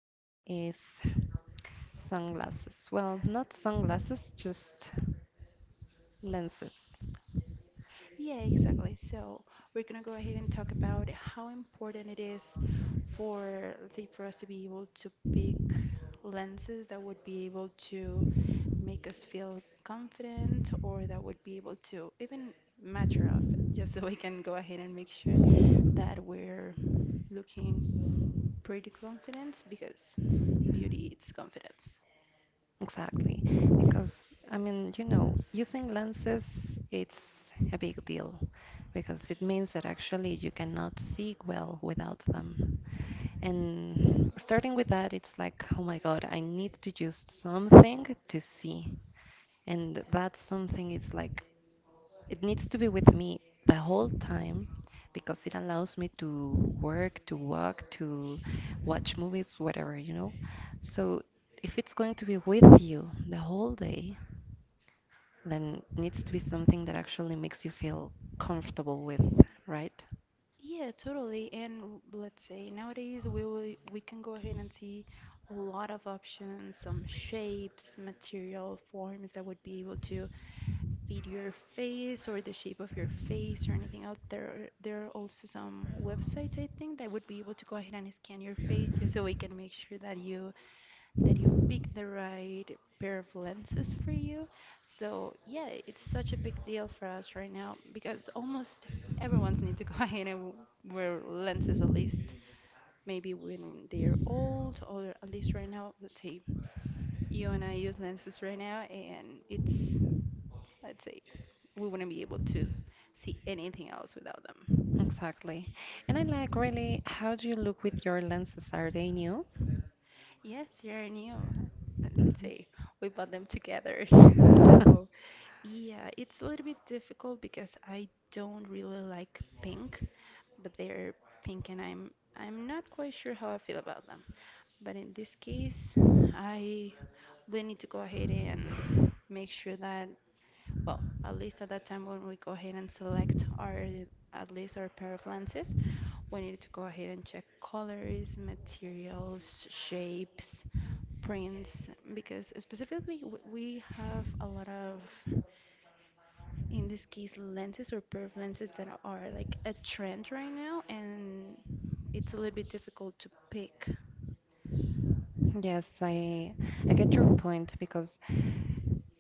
today is sunglasses. Well, not sunglasses, just lenses. Yeah, exactly. So we're going to go ahead and talk about how important it is for, let's say, for us to be able to pick lenses that would be able to make us feel confident or that would be able to even mature outfit, just so we can go ahead and make sure that we're looking pretty confident because beauty it's confidence. Exactly, because I mean, using lenses, it's a big deal because it means that actually you cannot see well without them. And starting with that, it's like, oh my God, I need to use something to see. And that something is like, it needs to be with me the whole time because it allows me to work, to walk, to watch movies, whatever, you know? So if it's going to be with you the whole day, then it needs to be something that actually makes you feel comfortable with, right? Yeah, totally. And let's say nowadays we can go ahead and see a lot of options, some shapes, material, forms that would be able to fit your face or the shape of your face or anything else. There are also some websites I think that would be able to go ahead and scan your face just so we can make sure that you pick the right pair of lenses for you. So yeah, it's such a big deal for us right now because almost everyone's need to go ahead and wear lenses at least maybe when they're old or at least right now, let's say you and I use lenses right now and it's let's say we wouldn't be able to see anything else without them. Exactly. And I like really, how do you look with your lenses? Are they new? Yes, you're new. Let's Mhm. say we bought them together. So, yeah, it's a little bit difficult because I don't really like pink, but they're pink and I'm not quite sure how I feel about them. But in this case, I we need to go ahead and make sure that, well, at least at that time when we go ahead and select our at least our pair of lenses, we need to go ahead and check colors, materials, shapes, prints because specifically we have a lot of in this case lenses or perf lenses that are like a trend right now and it's a little bit difficult to pick. Yes, I get your point because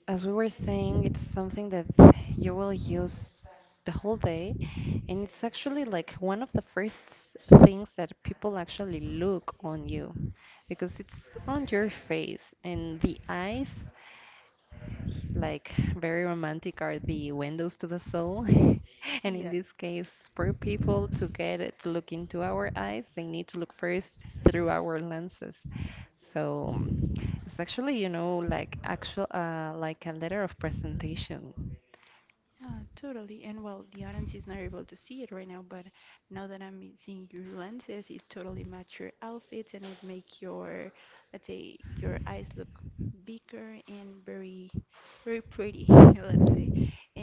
as we were saying, it's something that you will use the whole day, and it's actually like one of the first things that people actually look on you because it's on your face and the eyes like very romantic are the windows to the soul. And in Yeah. this case, for people to get it to look into our eyes, they need to look first through our lenses. So it's actually, like actual, like a letter of presentation. Yeah, totally. And well, the audience is not able to see it right now, but now that I'm seeing your lenses, it totally match your outfits and it make your, let's say, your eyes look bigger and very pretty, let's say.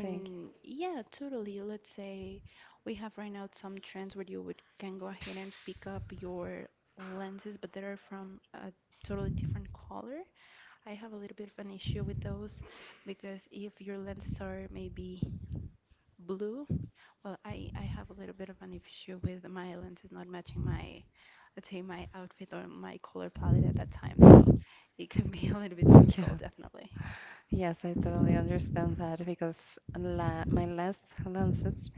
Thank you. yeah, totally. Let's say we have right now some trends where you would can go ahead and pick up your lenses, but they are from a totally different color. I have a little bit of an issue with those because if your lenses are maybe blue. Well, I have a little bit of an issue with my lenses not matching my, let's say my outfit or my color palette at that time, so it can be a little bit Yeah. difficult, definitely. Yes, I totally understand that because la my last lenses,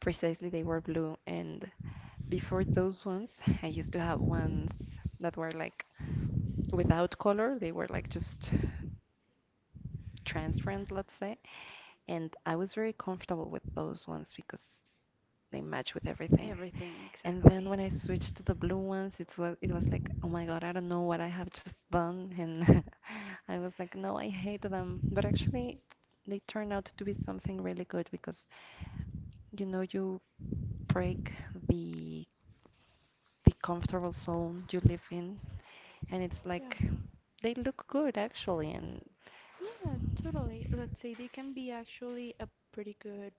precisely they were blue, and before those ones, I used to have ones that were like without color. They were like just transparent, let's say. And I was very comfortable with those ones because they match with everything. Everything, And then exactly. when I switched to the blue ones, it was like, oh my God, I don't know what I have just done. And I was like, no, I hate them. But actually, they turn out to be something really good because you break the the comfortable zone you live in, and it's Yeah. like they look good actually. And Yeah, totally. Let's say they can be actually a pretty good,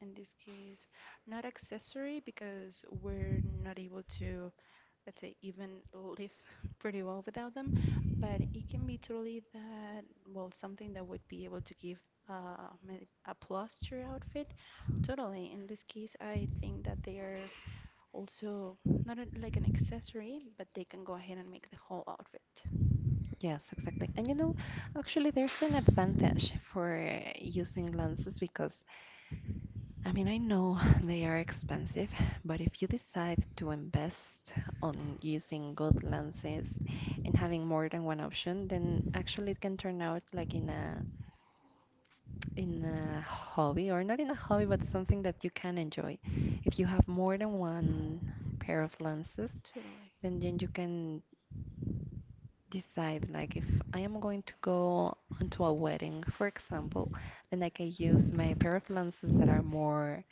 in this case, not accessory because we're not able to let's say, even live pretty well without them. But it can be truly that, well, something that would be able to give a plus to your outfit. Totally. In this case, I think that they are also not a, like an accessory, but they can go ahead and make the whole outfit. yes, exactly. And actually there's an advantage for using lenses, because I mean, I know they are expensive, but if you decide to invest on using good lenses and having more than one option, then actually it can turn out like in a hobby, or not in a hobby, but something that you can enjoy if you have more than one pair of lenses. Totally. Then you can decide like if I am going to go onto a wedding, for example, then I can use my pair of lenses that are more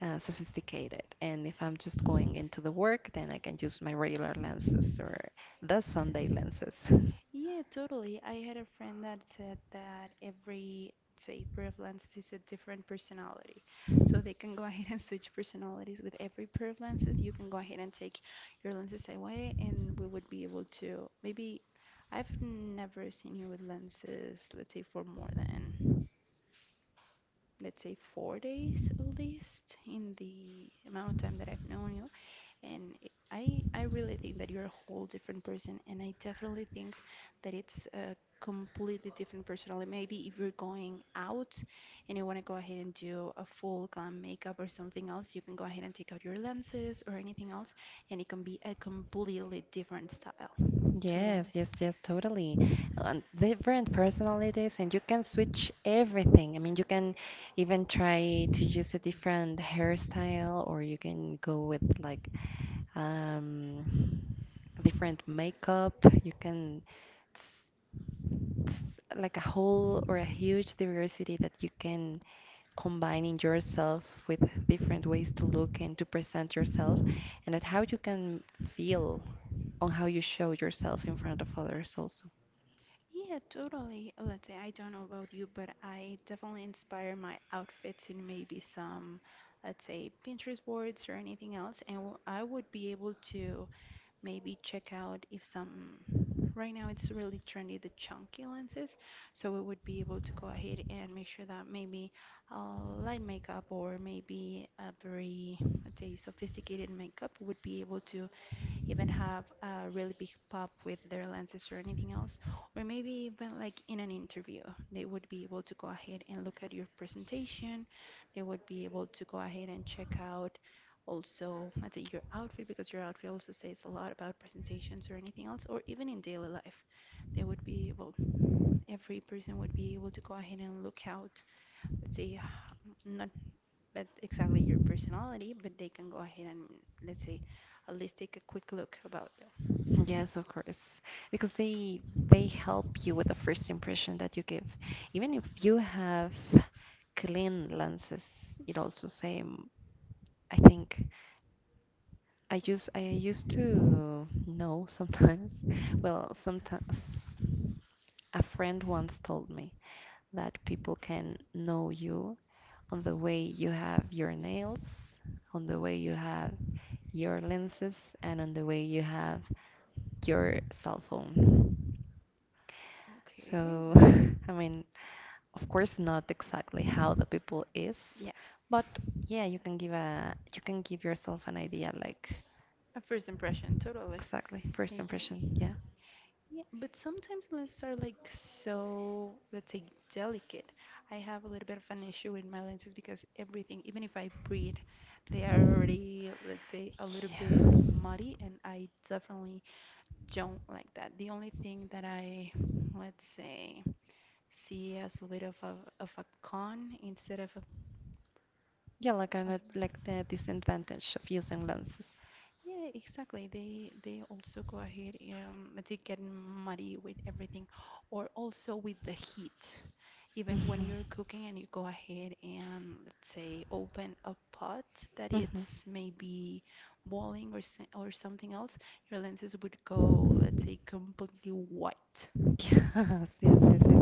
sophisticated. And if I'm just going into the work, then I can use my regular lenses or the Sunday lenses. Yeah, totally. I had a friend that said that every, say, prevalence is a different personality. So they can go ahead and switch personalities with every pair. You can go ahead and take your lenses away, and we would be able to maybe. I've never seen you with lenses, let's say, for more than, let's say, 4 days at least in the amount of time that I've known you and I really think that you're a whole different person, and I definitely think that it's a completely different personality. Maybe if you're going out and you want to go ahead and do a full glam makeup or something else, you can go ahead and take out your lenses or anything else, and it can be a completely different style. Yes, Totally. yes, yes, totally. And different personalities, and you can switch everything. I mean, you can even try to use a different hairstyle, or you can go with like um different makeup. It's, it's like a whole or a huge diversity that you can combine in yourself with different ways to look and to present yourself, and at how you can feel on how you show yourself in front of others also. Yeah, totally. Let's say I don't know about you, but I definitely inspire my outfits in maybe some, let's say, Pinterest boards or anything else, and I would be able to maybe check out if some right now it's really trendy the chunky lenses so we would be able to go ahead and make sure that maybe a light makeup or maybe a very let's say sophisticated makeup would be able to even have a really big pop with their lenses or anything else, or maybe even like in an interview, they would be able to go ahead and look at your presentation. They would be able to go ahead and check out also, let's say, your outfit, because your outfit also says a lot about presentations or anything else, or even in daily life. They would be, well, every person would be able to go ahead and look out, let's say, not that exactly your personality, but they can go ahead and, let's say, at least take a quick look about you. Yes, of course, because they help you with the first impression that you give. Even if you have clean lenses, it also same, I think I used to know sometimes. Well, sometimes a friend once told me that people can know you on the way you have your nails, on the way you have your lenses, and on the way you have your cell phone. Okay. So, I mean, of course, not exactly how the people is, Yeah. but yeah, you can give yourself an idea, like A first impression, totally. exactly first Made me. impression. Yeah. Yeah, but sometimes lenses are like so, let's say, delicate. I have a little bit of an issue with my lenses because everything, even if I breathe, they are already, let's say, a little Yeah. a bit muddy, and I definitely don't like that. The only thing that I, let's say, see as a bit of a con instead of a. Yeah, like I not like the disadvantage of using lenses. Yeah, exactly. They also go ahead and they get muddy with everything, or also with the heat. Even when you're cooking and you go ahead and let's say open a pot that Yes, hmm, hmm, it's maybe boiling or or something else, your lenses would go, let's say, completely white. yes. Yes, yes, yes, yes.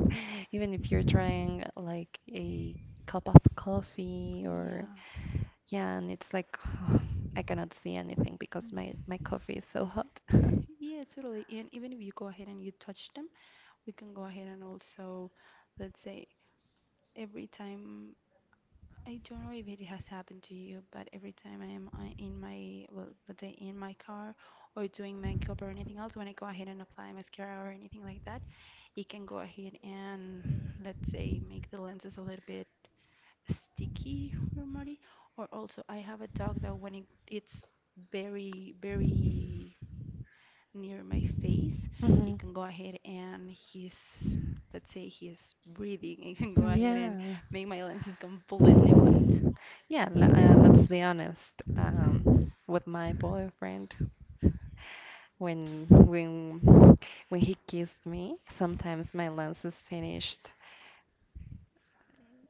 Even if you're trying like a cup of coffee or Yeah. yeah, and it's like I cannot see anything because my Mm. my coffee is so hot. Yeah, totally. And even if you go ahead and you touch them, we can go ahead and also, let's say, every time I don't know if it has happened to you, but every time I am in my, well, let's say in my car or doing makeup or anything else, when I go ahead and apply mascara or anything like that, it can go ahead and, let's say, make the lenses a little bit sticky or muddy. Or also, I have a dog that when it, it's very near my face, hmm. it can go ahead and he's, let's say, he's breathing. It can go Right. ahead Yeah. and make my lenses completely white. Yeah, let's be honest. With my boyfriend, when when he kissed me, sometimes my lens is finished.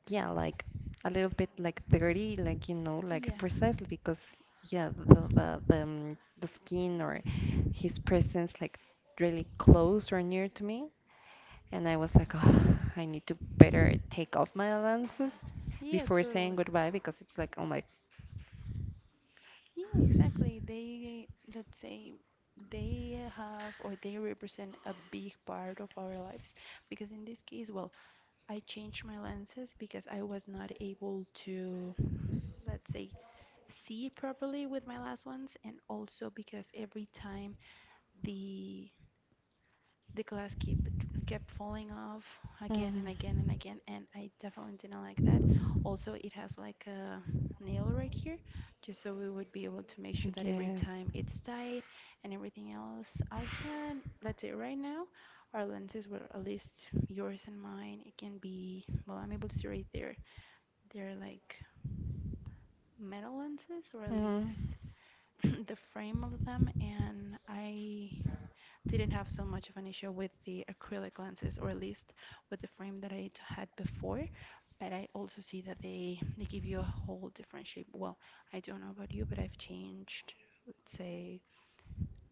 Yeah, like a little bit like dirty, like like Yeah. precisely because yeah, the the skin or his presence like really close or near to me, and I was like, oh, I need to better take off my lenses Yeah, before saying totally. goodbye because it's like, oh my, Yeah, exactly. They, let's say, they have or they represent a big part of our lives because in this case, well, I changed my lenses because I was not able to, let's say, see properly with my last ones, and also because every time the the glass keep kept falling off again and again mm, and again, and I definitely didn't like that. Also, it has like a nail right here, just so we would be able to make sure that every yeah. time it's tight and everything else. I had, let's say right now, our lenses were at least yours and mine. It can be, well, I'm able to see right there. They're like metal lenses, or at Mm, least the frame of them, and I didn't have so much of an issue with the acrylic lenses, or at least with the frame that I had before. But I also see that they give you a whole different shape. Well, I don't know about you, but I've changed, let's say,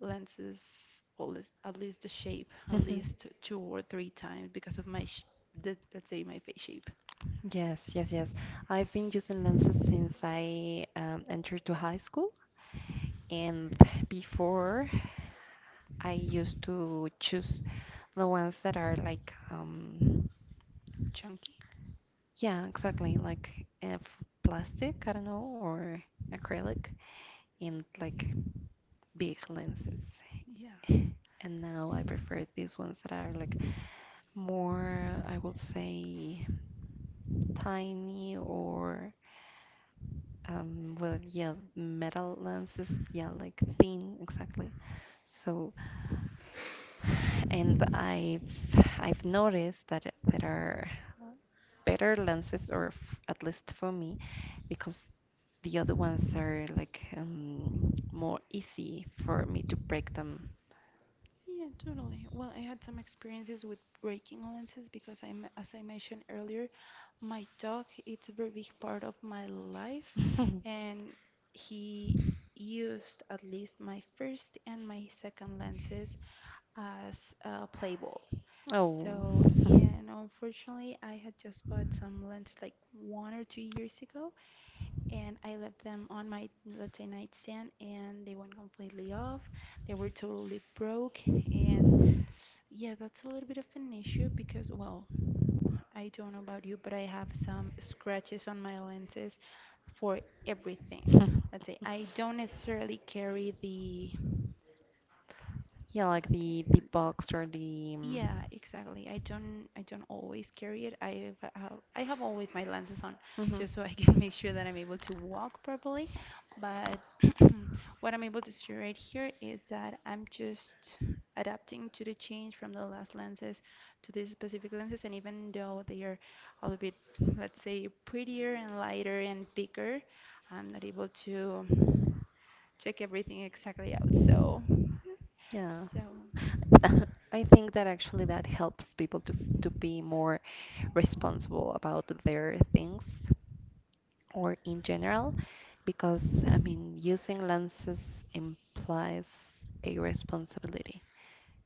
lenses, or at least the shape, at mhm. least two or three times because of my, let's say, my face shape, Yes, yes, yes. I've been using lenses since I entered to high school, and before I used to choose the ones that are like, chunky. yeah, exactly, like plastic, I don't know, or acrylic, and like big lenses. Yeah. And now I prefer these ones that are like more, I would say, tiny or well, yeah, metal lenses, yeah, like thin, exactly. So, and I've noticed that there are better lenses, or f at least for me, because the other ones are like more easy for me to break them. Yeah, totally. Well, I had some experiences with breaking lenses because I, as I mentioned earlier, my dog, it's a very big part of my life, and he used at least my first and my second lenses as a play ball. Oh, So, yeah, and unfortunately, I had just bought some lenses like 1 or 2 years ago, and I left them on my, let's say, nightstand, and they went completely off. They were totally broke, and yeah, that's a little bit of an issue because, well, I don't know about you, but I have some scratches on my lenses for everything. yeah, Let's say I don't necessarily carry the like the box or the yeah, exactly. I don't always carry it. I have always my lenses on mhm, just so I can make sure that I'm able to walk properly. But what I'm able to see right here is that I'm just adapting to the change from the last lenses to these specific lenses, and even though they are a little bit, let's say, prettier and lighter and bigger, I'm not able to check everything exactly out. So yeah. so. I think that actually that helps people to to be more responsible about their things or in general, because I mean, using lenses implies a responsibility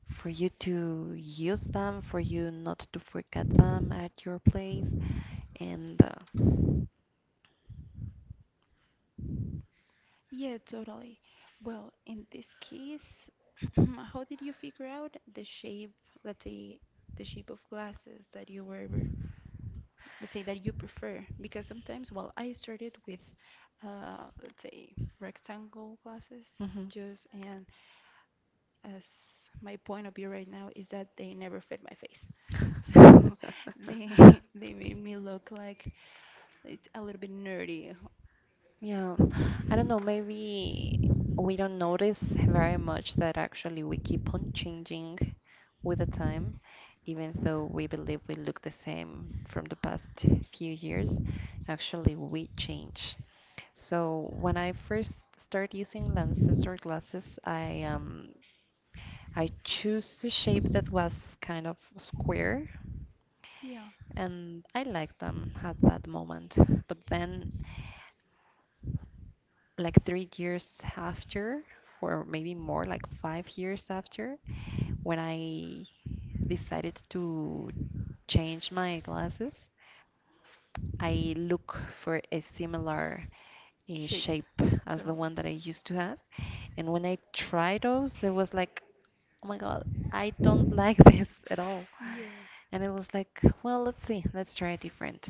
for you to use them, for you not to forget them at your place, and Yeah, totally. Well, in this case, how did you figure out the shape, let's say, the shape of glasses that you were, let's say, that you prefer? Because sometimes, well, I started with, let's say, rectangle glasses, mhm. just and as my point of view right now is that they never fit my face, so they they made me look like it's a little bit nerdy. Yeah, I don't know, maybe we don't notice very much that actually we keep on changing with the time, even though we believe we look the same from the past few years. Actually, we change. So when I first started using lenses or glasses, I choose a shape that was kind of square, Yeah, and I liked them at that moment. But then, like 3 years after, or maybe more, like 5 years after, when I decided to change my glasses, I look for a similar shape, shape as the totally. one that I used to have. And when I tried those, it was like, oh my God, I don't like this at all. Yeah, And it was like, well, let's see, let's try a different.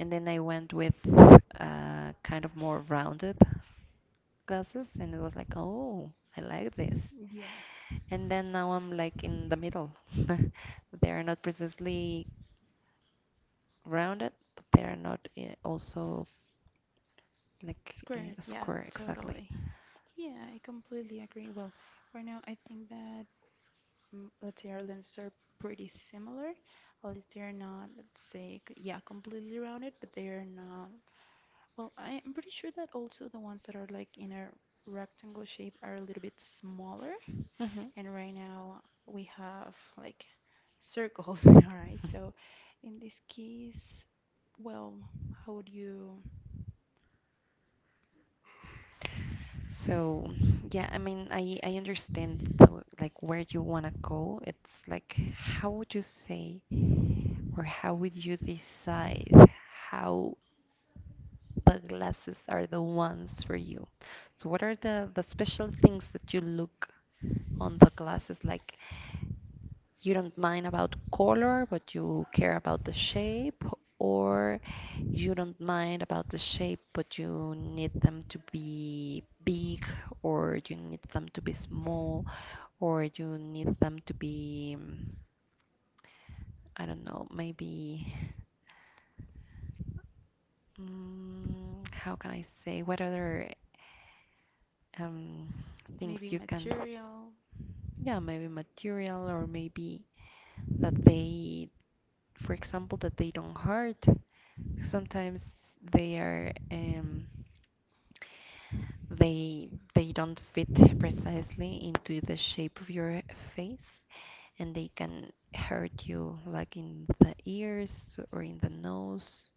And then I went with kind of more rounded glasses, and it was like, oh, I like this. yeah. And then now I'm like in the middle. They are not precisely rounded, but they are not also like Squared, yeah, square exactly. totally. Yeah, I completely agree. Well, right now I think that let's say our lenses are pretty similar, at least they're not, let's say, yeah, completely rounded, but they are not. Well, I'm pretty sure that also the ones that are like in a rectangle shape are a little bit smaller, Hmm. and right now we have like circles in our eyes. So in this case, well, how would you So yeah, I mean, I understand like where you wanna go. It's like, how would you say or how would you decide how the glasses are the ones for you? So what are the special things that you look on the glasses like? You don't mind about color, but you care about the shape, or you don't mind about the shape, but you need them to be big, or you need them to be small, or you need them to be, I don't know, maybe, how can I say, what other um, maybe things you can, material? yeah, maybe material, or maybe that they for example, that they don't hurt. Sometimes they are they don't fit precisely into the shape of your face, and they can hurt you like in the ears or in the nose.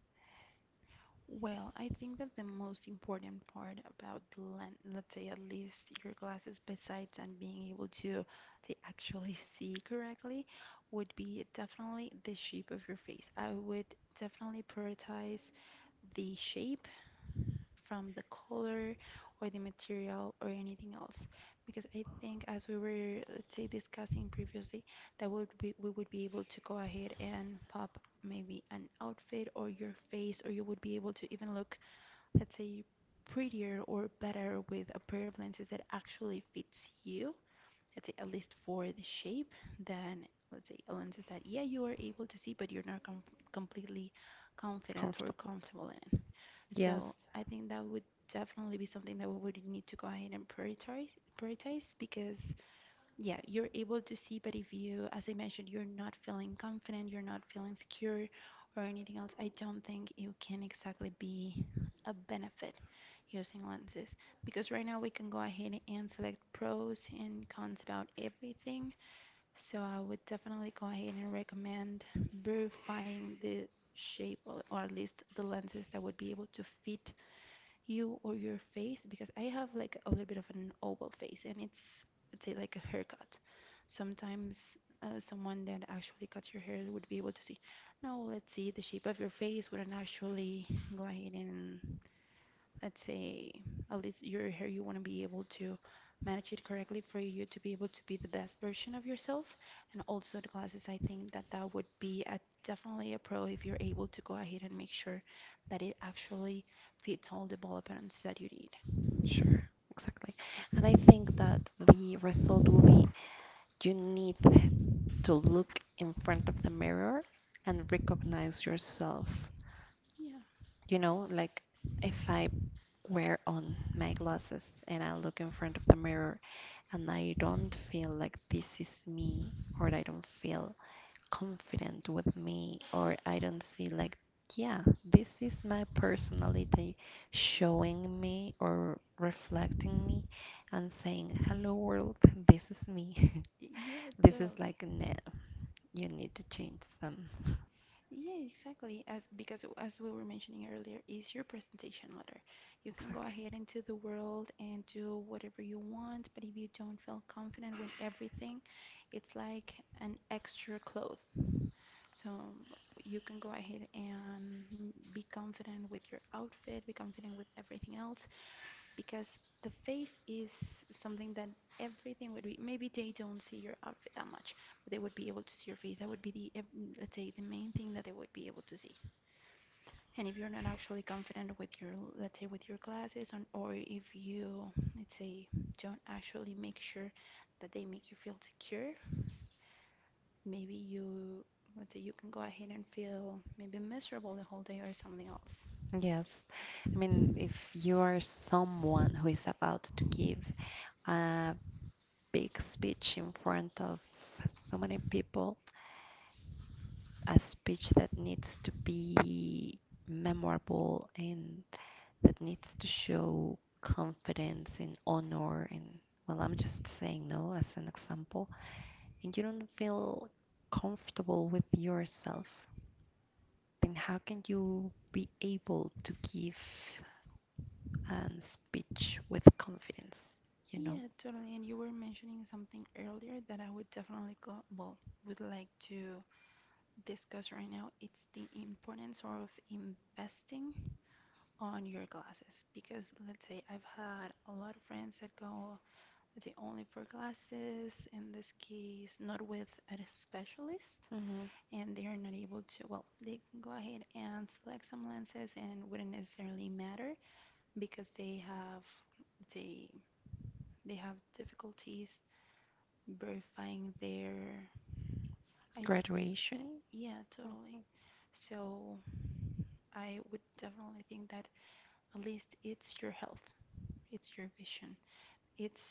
Well, I think that the most important part about the lens, let's say at least your glasses, besides and being able to actually see correctly, would be definitely the shape of your face. I would definitely prioritize the shape from the color or the material or anything else, because I think as we were, let's say, discussing previously, that would be we would be able to go ahead and pop maybe an outfit or your face, or you would be able to even look, let's say, prettier or better with a pair of lenses that actually fits you, let's say, at least for the shape, than, let's say, lenses that, yeah, you are able to see, but you're not completely confident or Comfortable, comfortable in. So yes, I think that would definitely be something that we would need to go ahead and prioritize, prioritize because yeah, you're able to see, but if you, as I mentioned, you're not feeling confident, you're not feeling secure or anything else, I don't think it can exactly be a benefit using lenses because right now we can go ahead and select pros and cons about everything. So I would definitely go ahead and recommend verifying the shape or at least the lenses that would be able to fit you or your face because I have like a little bit of an oval face and it's, let's say, like a haircut. Sometimes someone that actually cuts your hair would be able to see. Now let's see the shape of your face wouldn't actually go ahead and, let's say, at least your hair you want to be able to manage it correctly for you to be able to be the best version of yourself and also the glasses. I think that that would be a, definitely a pro if you're able to go ahead and make sure that it actually fits all the developments that you need. sure, exactly. And I think that the result will be, you need to look in front of the mirror and recognize yourself. Yeah, Like if I wear on my glasses and I look in front of the mirror, and I don't feel like this is me, or I don't feel confident with me, or I don't see like, yeah, this is my personality showing me or reflecting me and saying hello world, this is me. yeah, this is totally. like, nah, you need to change some. Yeah, exactly. As because as we were mentioning earlier, is your presentation letter. You can go Exactly. ahead into the world and do whatever you want, but if you don't feel confident with everything, it's like an extra cloth. So you can go ahead and be confident with your outfit, be confident with everything else, because the face is something that everything would be. Maybe they don't see your outfit that much, but they would be able to see your face. That would be the, let's say, the main thing that they would be able to see and if you're not actually confident with your, let's say, with your classes on, or if you, let's say, don't actually make sure that they make you feel secure, maybe you, let's say, you can go ahead and feel maybe miserable the whole day or something else. Yes. I mean, if you are someone who is about to give a big speech in front of so many people, a speech that needs to be memorable and that needs to show confidence and honor, and well, I'm just saying no as an example, and you don't feel comfortable with yourself, then how can you be able to give a speech with confidence you know Yeah, totally. And you were mentioning something earlier that I would definitely go, well, would like to discuss right now. It's the importance of investing on your classes because, let's say, I've had a lot of friends that go the only for glasses, in this case, not with a specialist, hmm. and they're not able to, well, they can go ahead and select some lenses and wouldn't necessarily matter because they have they they have difficulties verifying their I, Graduation. yeah, Hmm. totally. So I would definitely think that at least it's your health, it's your vision. It's,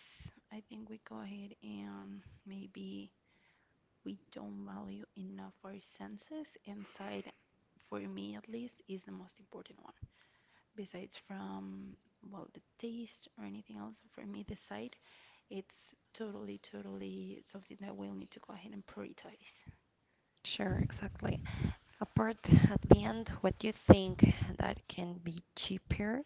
I think we go ahead and maybe we don't value enough our senses, and sight, for me at least, is the most important one. Besides from, well, the taste or anything else, for me, the sight, it's totally, totally something that we'll need to go ahead and prioritize. Sure, exactly. Apart at the end, what you think that can be cheaper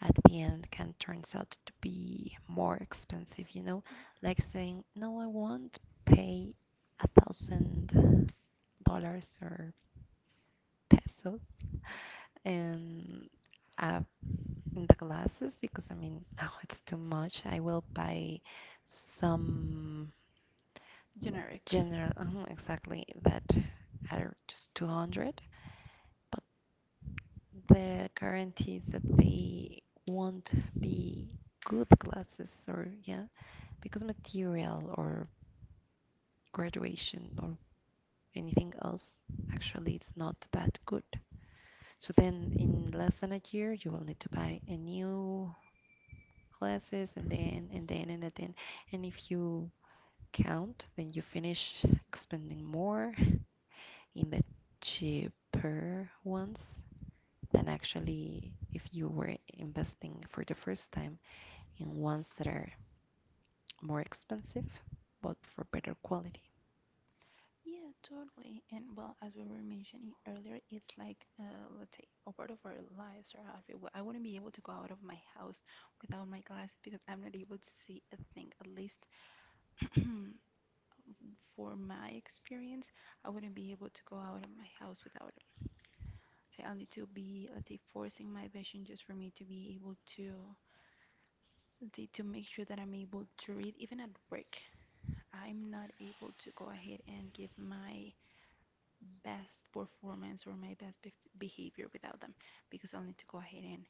at the end can turns out to be more expensive, you know? Yeah. Like saying, no, I won't pay $1,000 or pesos, and uh, in the glasses because I mean, no, it's too much. I will buy some Generic. general, exactly, that are just 200. But the guarantees that they won't be good classes, or yeah, because material or graduation or anything else, actually it's not that good, so then in less than a year you will need to buy a new classes, and then, and if you count, then you finish spending more in the cheaper ones than actually if you were investing for the first time and ones that are more expensive but for better quality. Yeah, totally. And well, as we were mentioning earlier, it's like, let's say, a part of our lives or everywhere. I wouldn't be able to go out of my house without my glasses because I'm not able to see a thing. At least for my experience, I wouldn't be able to go out of my house without them. So I'll need to be, let's say, forcing my vision just for me to be able to, let's say, to make sure that I'm able to read. Even at work, I'm not able to go ahead and give my best performance or my best bef behavior without them because I'll need to go ahead and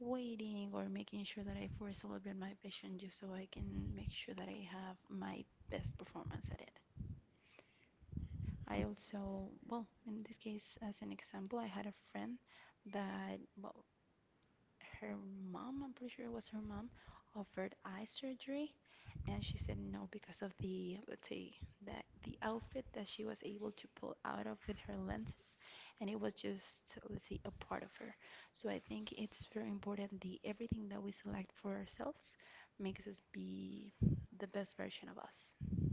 waiting or making sure that I force a little bit my vision just so I can make sure that I have my best performance at it. I also, well, in this case, as an example, I had a friend that, well, her mom, I'm pretty sure it was her mom, offered eye surgery, and she said no because of the, let's say, that the outfit that she was able to pull out of with her lenses, and it was just, let's say, a part of her. So I think it's very important the everything that we select for ourselves makes us be the best version of us.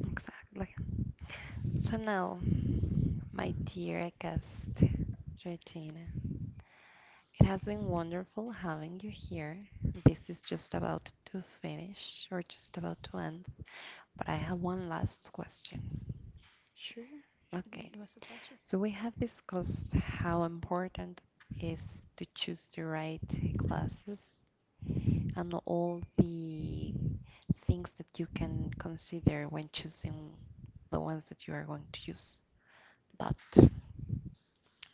Exactly. So now, my dear guest, Regina, it has been wonderful having you here. This is just about to finish or just about to end, but I have one last question. Sure, sure thing. Okay, It was a pleasure. so we have discussed how important it is to choose the right classes and all the things that you can consider when choosing the ones that you are going to use. But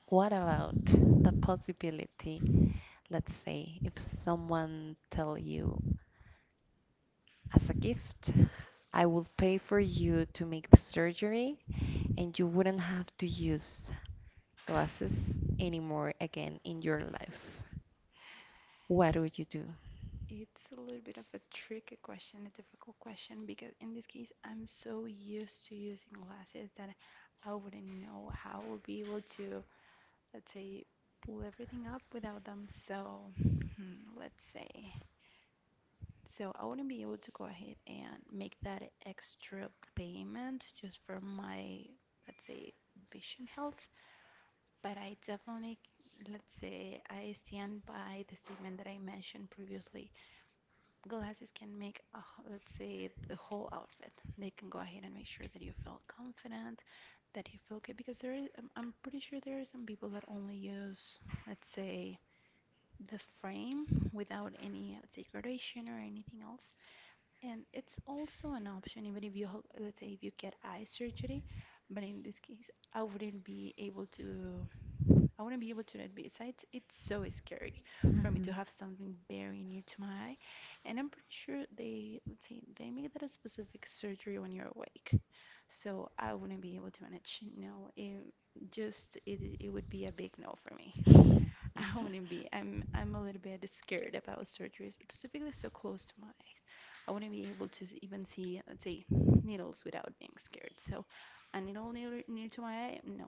what about the possibility, let's say, if someone tell you as a gift, I will pay for you to make the surgery and you wouldn't have to use glasses anymore again in your life. What would you It's a little bit of a tricky question, a difficult question, because in this case, I'm so used to using glasses that I wouldn't know how I would be able to, let's say, pull everything up without them. So, hmm, let's say, so I wouldn't be able to go ahead and make that extra payment just for my, let's say, vision health, but I definitely, let's say, I stand by the statement that I mentioned previously. Glasses can make, a, let's say, the whole outfit. They can go ahead and make sure that you feel confident, that you feel good, because there is, I'm pretty sure there are some people that only use, let's say, the frame without any, let's say, gradation or anything else. And it's also an option, even if you, let's say, if you get eye surgery, but in this case, I wouldn't be able to I wouldn't be able to do it. Besides, it's so scary do? for me to have something very near to my eye. And I'm pretty sure they, let's say, they make that a specific surgery when you're awake. So I wouldn't be able to manage. No, it just it would be a big no for me. I wouldn't be. I'm a little bit scared about surgery, specifically so close to my eyes. I wouldn't be able to even see, let's say, needles without being scared. So a needle near to my eye, no.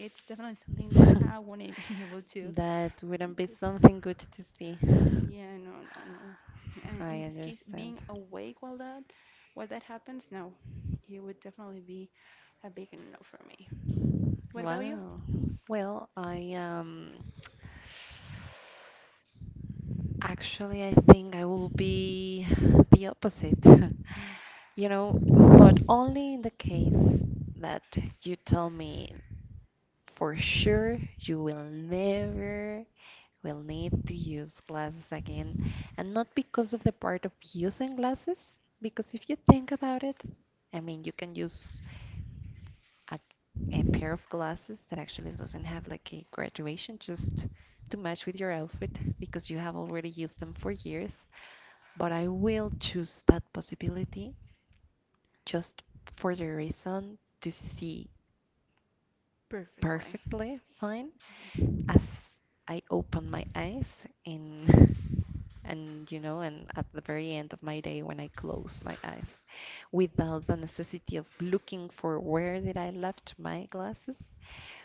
It's definitely something that I wouldn't be able to. That wouldn't be Simply. something good to see. Yeah, no, no, no. And in I this case, understand. being awake while that happens, no, it would definitely be a big no for me. What about you? Wow. Well, I actually I think I will be the opposite. You know, but only in the case that you tell me for sure you will never will need to use glasses again, and not because of the part of using glasses, because if you think about it, I mean, you can use a, a pair of glasses that actually doesn't have like a graduation just to match with your outfit because you have already used them for years. But I will choose that possibility just for the reason to see Perfectly. perfectly fine Yeah. as I open my eyes and and and at the very end of my day when I close my eyes, without the necessity of looking for where did I left my glasses,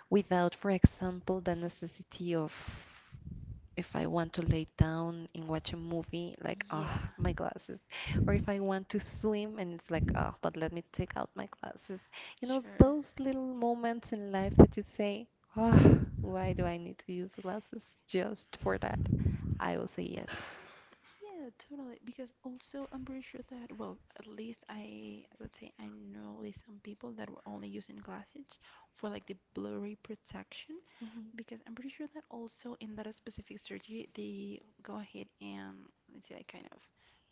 without, for example, the necessity of if I want to lay down and watch a movie, like, Yeah. ah, my glasses. Or if I want to swim and it's like, ah, but let me take out my glasses. You know, Sure. those little moments in life that you say, ah, why do I need to use glasses just for that? I will say yes. Yeah, totally. Because also, I'm pretty sure that, well, at least I, let's say, I know at least some people that were only using glasses for like the blurry protection, because I'm pretty sure that also in that specific surgery they go ahead and, let's say, I kind of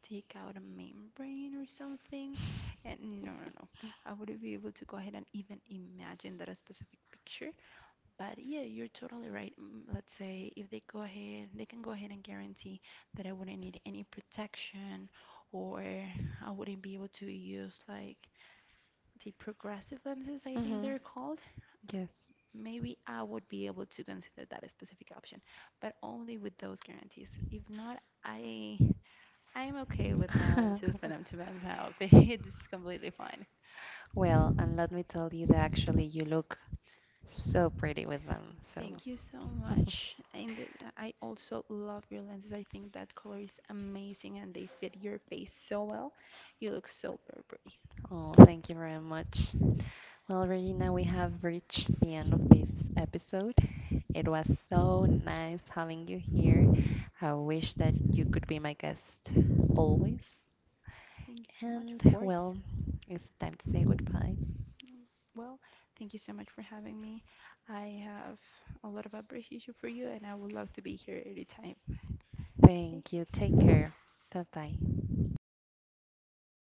take out a membrane or something. And no, no, no. I wouldn't be able to go ahead and even imagine that a specific picture. But yeah, you're totally right. Mm, let's say if they go ahead, they can go ahead and guarantee that I wouldn't need any protection or I wouldn't be able to use like the progressive lenses, I Hmm, think hmm. they're called, Yes. maybe I would be able to consider that specific option, but only with those guarantees. If not, I'm okay with my lenses for them to match my outfit. It's completely fine. Well, and let me tell you that actually you look so pretty with them. So, Thank you so much. And I also love your lenses. I think that color is amazing and they fit your face so well. You look so very pretty. oh, thank you very much. Well, Regina, we have reached the end of this episode. It was so nice having you here. I wish that you could be my guest always. Thank you so much, of And course. well, it's time to say goodbye. Mm, well, thank you so much for having me. I have a lot of appreciation for you and I would love to be here anytime. Thank Okay, you. Take care. Bye bye.